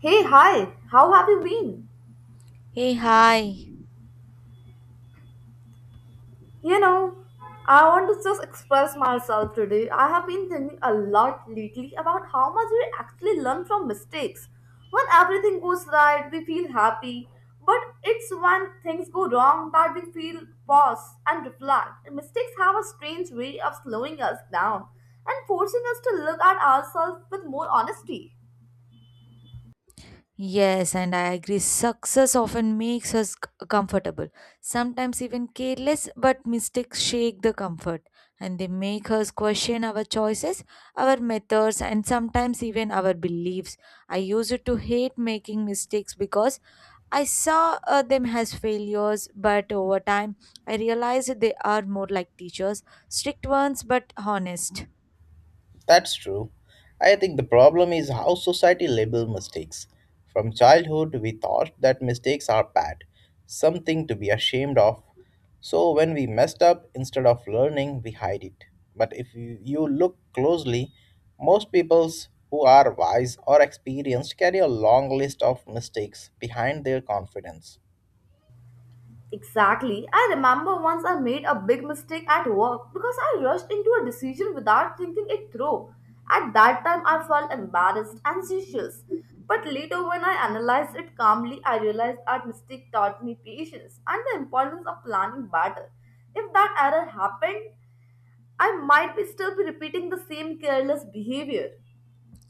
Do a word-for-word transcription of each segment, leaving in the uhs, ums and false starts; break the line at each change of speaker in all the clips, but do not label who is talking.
Hey, hi, how have you been?
Hey, hi.
You know, I want to just express myself today. I have been thinking a lot lately about how much we actually learn from mistakes. When everything goes right, we feel happy, but it's when things go wrong that we feel pause and reflect. Mistakes have a strange way of slowing us down and forcing us to look at ourselves with more honesty.
Yes, and I agree. Success often makes us c- comfortable, sometimes even careless, but mistakes shake the comfort, and they make us question our choices, our methods, and sometimes even our beliefs. I used to hate making mistakes because I saw uh, them as failures, but over time I realized they are more like teachers, strict ones, but honest.
That's true. I think the problem is how society labels mistakes. From childhood, we thought that mistakes are bad, something to be ashamed of. So when we messed up, instead of learning, we hide it. But if you you look closely, most peoples who are wise or experienced carry a long list of mistakes behind their confidence.
Exactly. I remember once I made a big mistake at work because I rushed into a decision without thinking it through. At that time, I felt embarrassed and anxious. But later, when I analyzed it calmly, I realized that mistake taught me patience and the importance of planning better. If that error happened, I might be still be repeating the same careless behavior.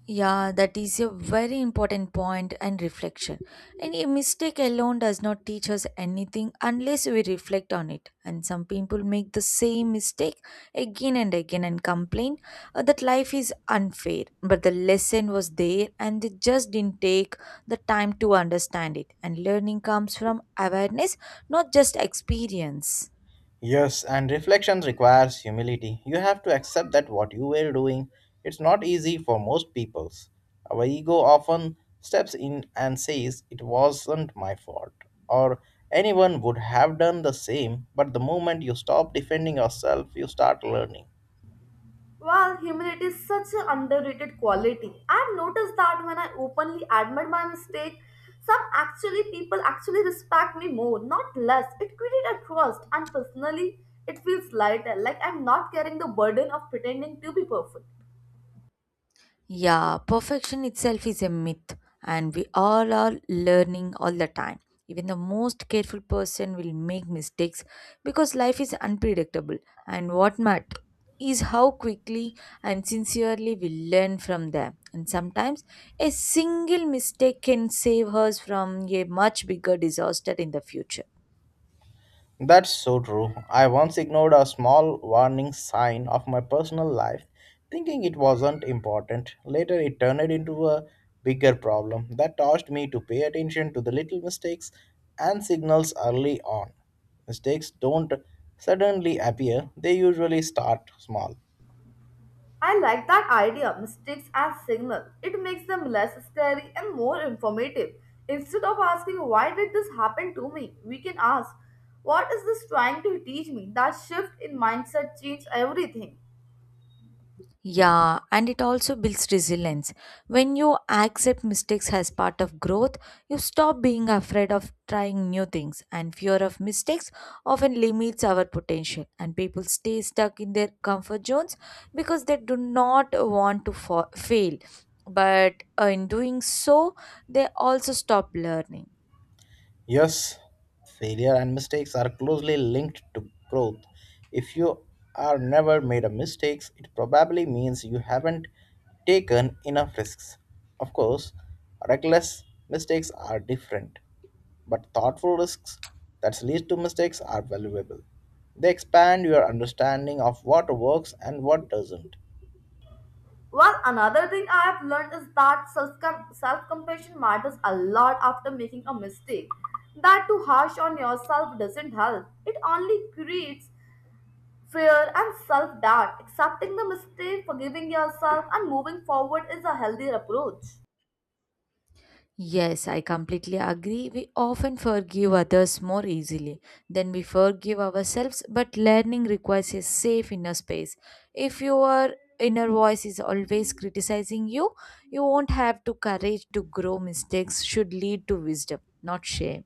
Yeah, that is a very important point and reflection. And a mistake alone does not teach us anything unless we reflect on it. And some people make the same mistake again and again and complain uh, that life is unfair. But the lesson was there and they just didn't take the time to understand it. And learning comes from awareness, not just experience.
Yes, and reflection requires humility. You have to accept that what you were doing, it's not easy for most peoples. Our ego often steps in and says it wasn't my fault or anyone would have done the same, but the moment you stop defending yourself, you start learning.
Well, humility is such an underrated quality. I've noticed that when I openly admit my mistake, some actually people actually respect me more, not less. It created a trust, and personally, it feels lighter, like I'm not carrying the burden of pretending to be perfect.
Yeah, perfection itself is a myth, and we all are learning all the time. Even the most careful person will make mistakes because life is unpredictable, and what matters is how quickly and sincerely we learn from them. And sometimes a single mistake can save us from a much bigger disaster in the future.
That's so true. I once ignored a small warning sign of my personal life, thinking it wasn't important. Later, it turned into a bigger problem that forced me to pay attention to the little mistakes and signals early on. Mistakes don't suddenly appear, they usually start small.
I like that idea, mistakes as signal. It makes them less scary and more informative. Instead of asking why did this happen to me, we can ask what is this trying to teach me? That shift in mindset changed everything.
Yeah, and it also builds resilience. When you accept mistakes as part of growth, you stop being afraid of trying new things, and fear of mistakes often limits our potential. And people stay stuck in their comfort zones because they do not want to fa- fail. But uh, in doing so, they also stop learning.
Yes, failure and mistakes are closely linked to growth. If you are never made a mistakes, it probably means you haven't taken enough risks. Of course, reckless mistakes are different, but thoughtful risks that lead to mistakes are valuable. They expand your understanding of what works and what doesn't.
Well, another thing I have learned is that self compassion matters a lot after making a mistake. That too harsh on yourself doesn't help. It only creates fear and self doubt. Accepting the mistake, forgiving yourself, and moving forward is a healthier approach.
Yes, I completely agree. We often forgive others more easily than we forgive ourselves, but learning requires a safe inner space. If your inner voice is always criticizing you, you won't have the courage to grow. Mistakes should lead to wisdom, not shame.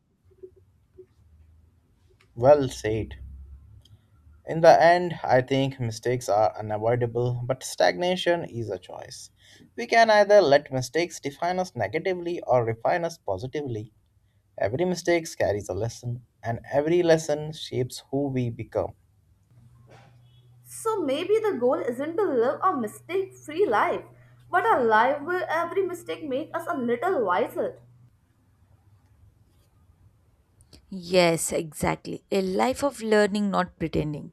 Well said. In the end, I think mistakes are unavoidable, but stagnation is a choice. We can either let mistakes define us negatively or refine us positively. Every mistake carries a lesson, and every lesson shapes who we become.
So maybe the goal isn't to live a mistake free life, but a life where every mistake makes us a little wiser.
Yes, exactly. A life of learning, not pretending.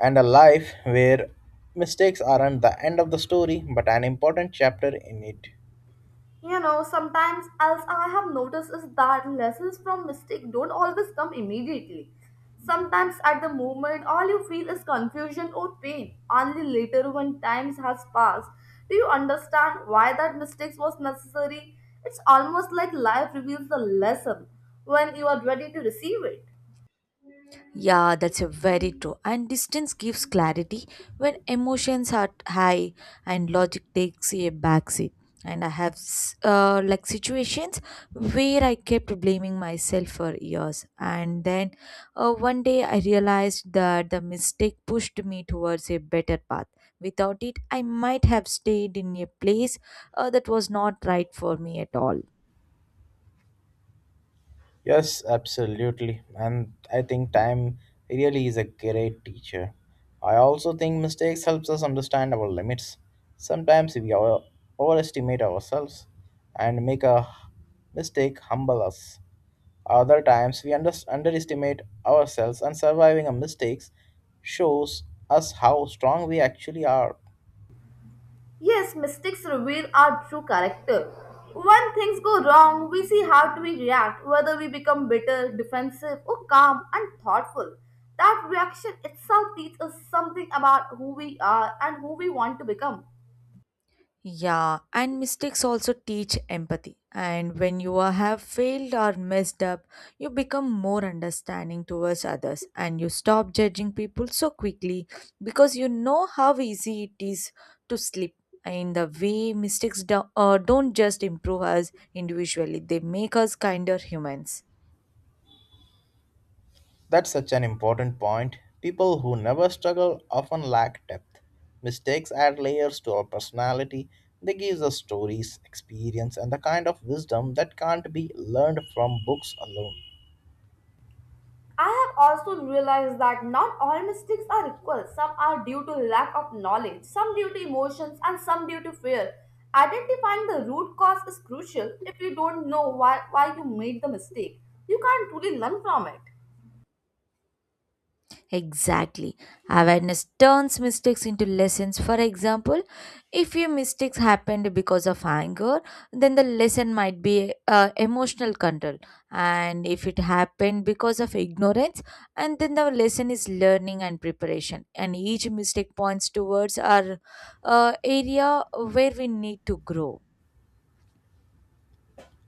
And a life where mistakes aren't the end of the story, but an important chapter in it.
You know, sometimes else I have noticed is that lessons from mistake don't always come immediately. Sometimes at the moment, all you feel is confusion or pain. Only later, when times has passed, do you understand why that mistake was necessary? It's almost like life reveals the lesson when you are ready to receive it.
Yeah, that's a very true. And distance gives clarity when emotions are high and logic takes a backseat. And I have s- uh, like situations where I kept blaming myself for years, and then uh, one day I realized that the mistake pushed me towards a better path. Without it, I might have stayed in a place uh, that was not right for me at all.
Yes, absolutely. And I think time really is a great teacher. I also think mistakes helps us understand our limits. Sometimes we over- overestimate ourselves and make a mistake humble us. Other times we under- underestimate ourselves and surviving a mistakes shows us how strong we actually are.
Yes, mistakes reveal our true character. When things go wrong, we see how do we react, whether we become bitter, defensive, or calm and thoughtful. That reaction itself teaches us something about who we are and who we want to become.
Yeah, and mistakes also teach empathy. And when you are- have failed or messed up, you become more understanding towards others, and you stop judging people so quickly because you know how easy it is to slip. In the way mistakes do, uh, don't just improve us individually, they make us kinder humans.
That's such an important point. People who never struggle often lack depth. Mistakes add layers to our personality. They give us stories, experience, and the kind of wisdom that can't be learned from books alone.
I have also realized that not all mistakes are equal. Some are due to lack of knowledge, some due to emotions, and some due to fear. Identifying the root cause is crucial if you don't know why, why you made the mistake. You can't truly learn from it.
Exactly. Awareness turns mistakes into lessons. For example, if your mistakes happened because of anger, then the lesson might be uh, emotional control. And if it happened because of ignorance, and then the lesson is learning and preparation. And each mistake points towards our uh, area where we need to grow.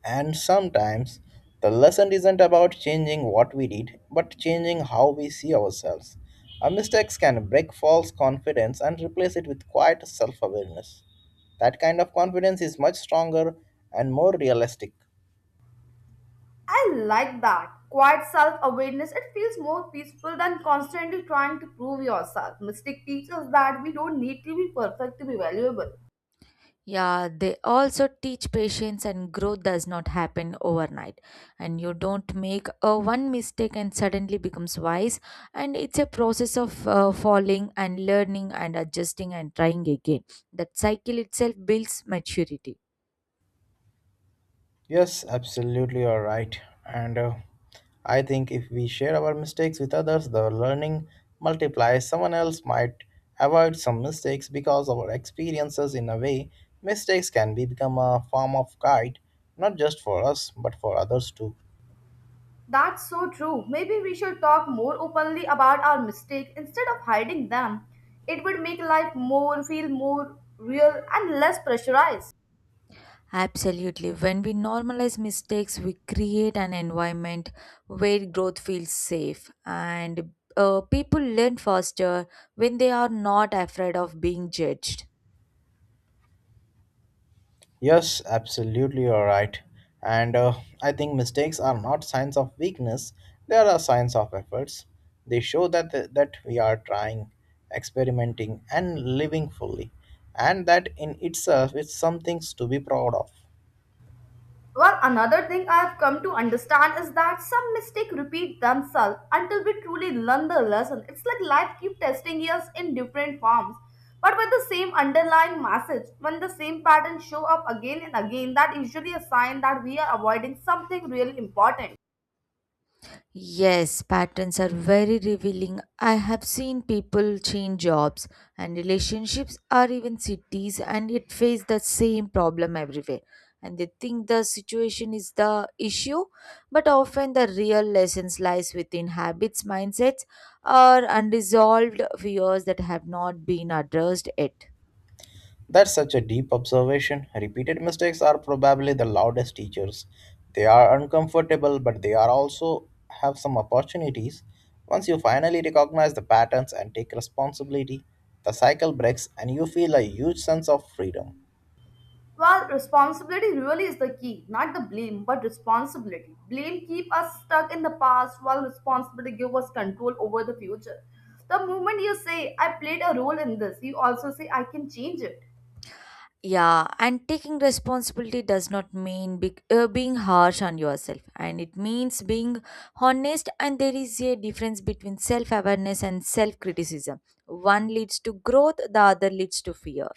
And sometimes the lesson isn't about changing what we did, but changing how we see ourselves. Our mistakes can break false confidence and replace it with quiet self awareness. That kind of confidence is much stronger and more realistic.
I like that. Quiet self awareness, it feels more peaceful than constantly trying to prove yourself. Mistake teaches that we don't need to be perfect to be valuable.
Yeah, they also teach patience, and growth does not happen overnight. And you don't make a one mistake and suddenly becomes wise. And it's a process of uh, falling and learning and adjusting and trying again. That cycle itself builds maturity.
Yes, absolutely, you're right. And uh, I think if we share our mistakes with others, the learning multiplies. Someone else might avoid some mistakes because of our experiences. In a way, mistakes can be become a form of guide, not just for us but for others too.
That's so true. Maybe we should talk more openly about our mistakes instead of hiding them. It would make life more feel more real and less pressurized.
Absolutely. When we normalize mistakes, we create an environment where growth feels safe, and uh, people learn faster when they are not afraid of being judged.
Yes, absolutely, you're right. And uh, I think mistakes are not signs of weakness, they are a signs of efforts. They show that, uh, that we are trying, experimenting, and living fully, and that in itself is something to be proud of.
Well, another thing I have come to understand is that some mistakes repeat themselves until we truly learn the lesson. It's like life keeps testing us in different forms, but with the same underlying message. When the same patterns show up again and again, that usually a sign that we are avoiding something really important.
Yes, patterns are very revealing. I have seen people change jobs and relationships or even cities and yet face the same problem everywhere. And they think the situation is the issue, but often the real lessons lies within habits, mindsets, or unresolved fears that have not been addressed yet.
That's such a deep observation. Repeated mistakes are probably the loudest teachers. They are uncomfortable, but they are also have some opportunities. Once you finally recognize the patterns and take responsibility, the cycle breaks and you feel a huge sense of freedom.
Well, responsibility really is the key, not the blame, but responsibility. Blame keep us stuck in the past while responsibility give us control over the future. The moment you say I played a role in this, you also say I can change it.
Yeah, and taking responsibility does not mean be- uh, being harsh on yourself, and it means being honest. And there is a difference between self awareness and self criticism. One leads to growth, the other leads to fear.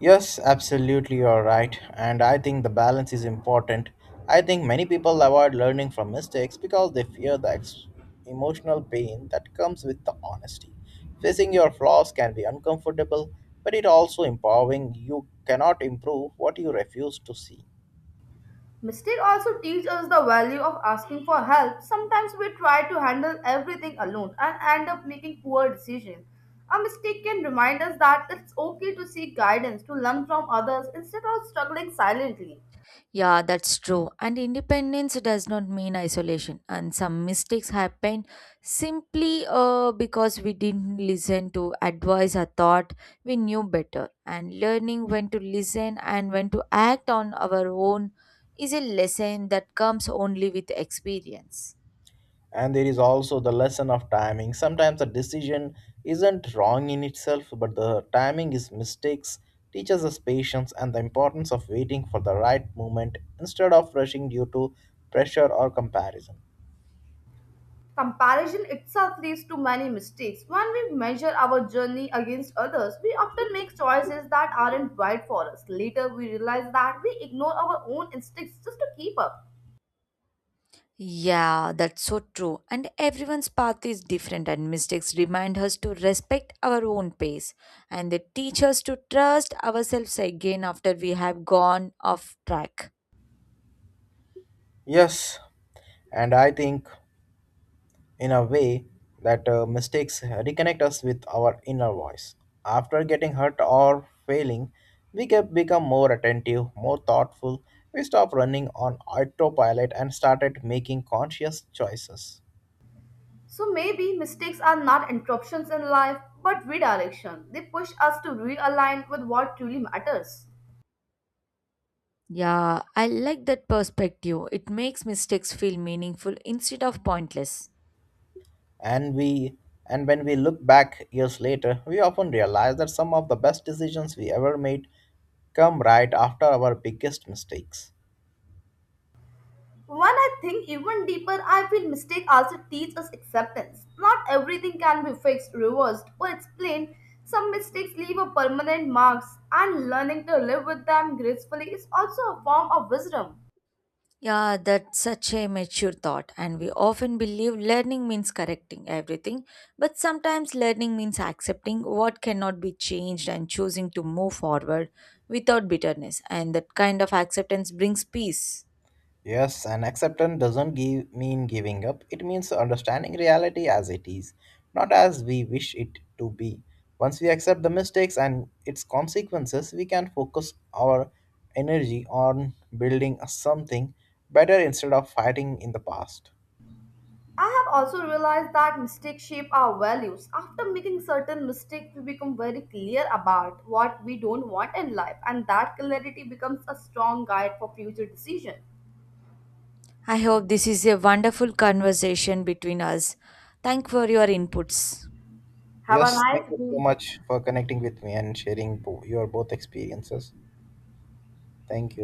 Yes, absolutely, you're right. And I think the balance is important. I think many people avoid learning from mistakes because they fear the ex- emotional pain that comes with the honesty. Facing your flaws can be uncomfortable, but it also empowering. You cannot improve what you refuse to see.
Mistake also teach us the value of asking for help. Sometimes we try to handle everything alone and end up making poor decisions. A mistake can remind us that it's okay to seek guidance, to learn from others instead of struggling silently.
Yeah, that's true. And independence does not mean isolation. And some mistakes happen simply uh, because we didn't listen to advice or thought we knew better. And learning when to listen and when to act on our own is a lesson that comes only with experience.
And there is also the lesson of timing. Sometimes a decision isn't wrong in itself, but the timing is mistakes teaches us patience and the importance of waiting for the right moment instead of rushing due to pressure or comparison.
Comparison itself leads to many mistakes. When we measure our journey against others, we often make choices that aren't right for us. Later, we realize that we ignore our own instincts just to keep up.
Yeah, that's so true. And everyone's path is different, and mistakes remind us to respect our own pace. And they teach us to trust ourselves again after we have gone off track.
Yes, and I think in a way that uh, mistakes reconnect us with our inner voice. After getting hurt or failing, we get, become more attentive, more thoughtful. We stop running on autopilot and started making conscious choices.
So maybe mistakes are not interruptions in life, but redirection. They push us to realign with what truly matters.
Yeah, I like that perspective. It makes mistakes feel meaningful instead of pointless.
And we and when we look back years later, we often realize that some of the best decisions we ever made come right after our biggest mistakes.
When I think even deeper, I feel mistakes also teach us acceptance. Not everything can be fixed, reversed, or explained. Some mistakes leave a permanent marks, and learning to live with them gracefully is also a form of wisdom.
Yeah, that's such a mature thought, and we often believe learning means correcting everything, but sometimes learning means accepting what cannot be changed and choosing to move forward without bitterness, and that kind of acceptance brings peace.
Yes, and acceptance doesn't give, mean giving up. It means understanding reality as it is, not as we wish it to be. Once we accept the mistakes and its consequences, we can focus our energy on building something better instead of fighting in the past.
I have also realized that mistakes shape our values. After making certain mistakes, we become very clear about what we don't want in life, and that clarity becomes a strong guide for future decisions.
I hope this is a wonderful conversation between us. Thank for your inputs.
Have a
Yes, thank
nice
you so
day.
much for connecting with me and sharing bo- your both experiences. Thank you.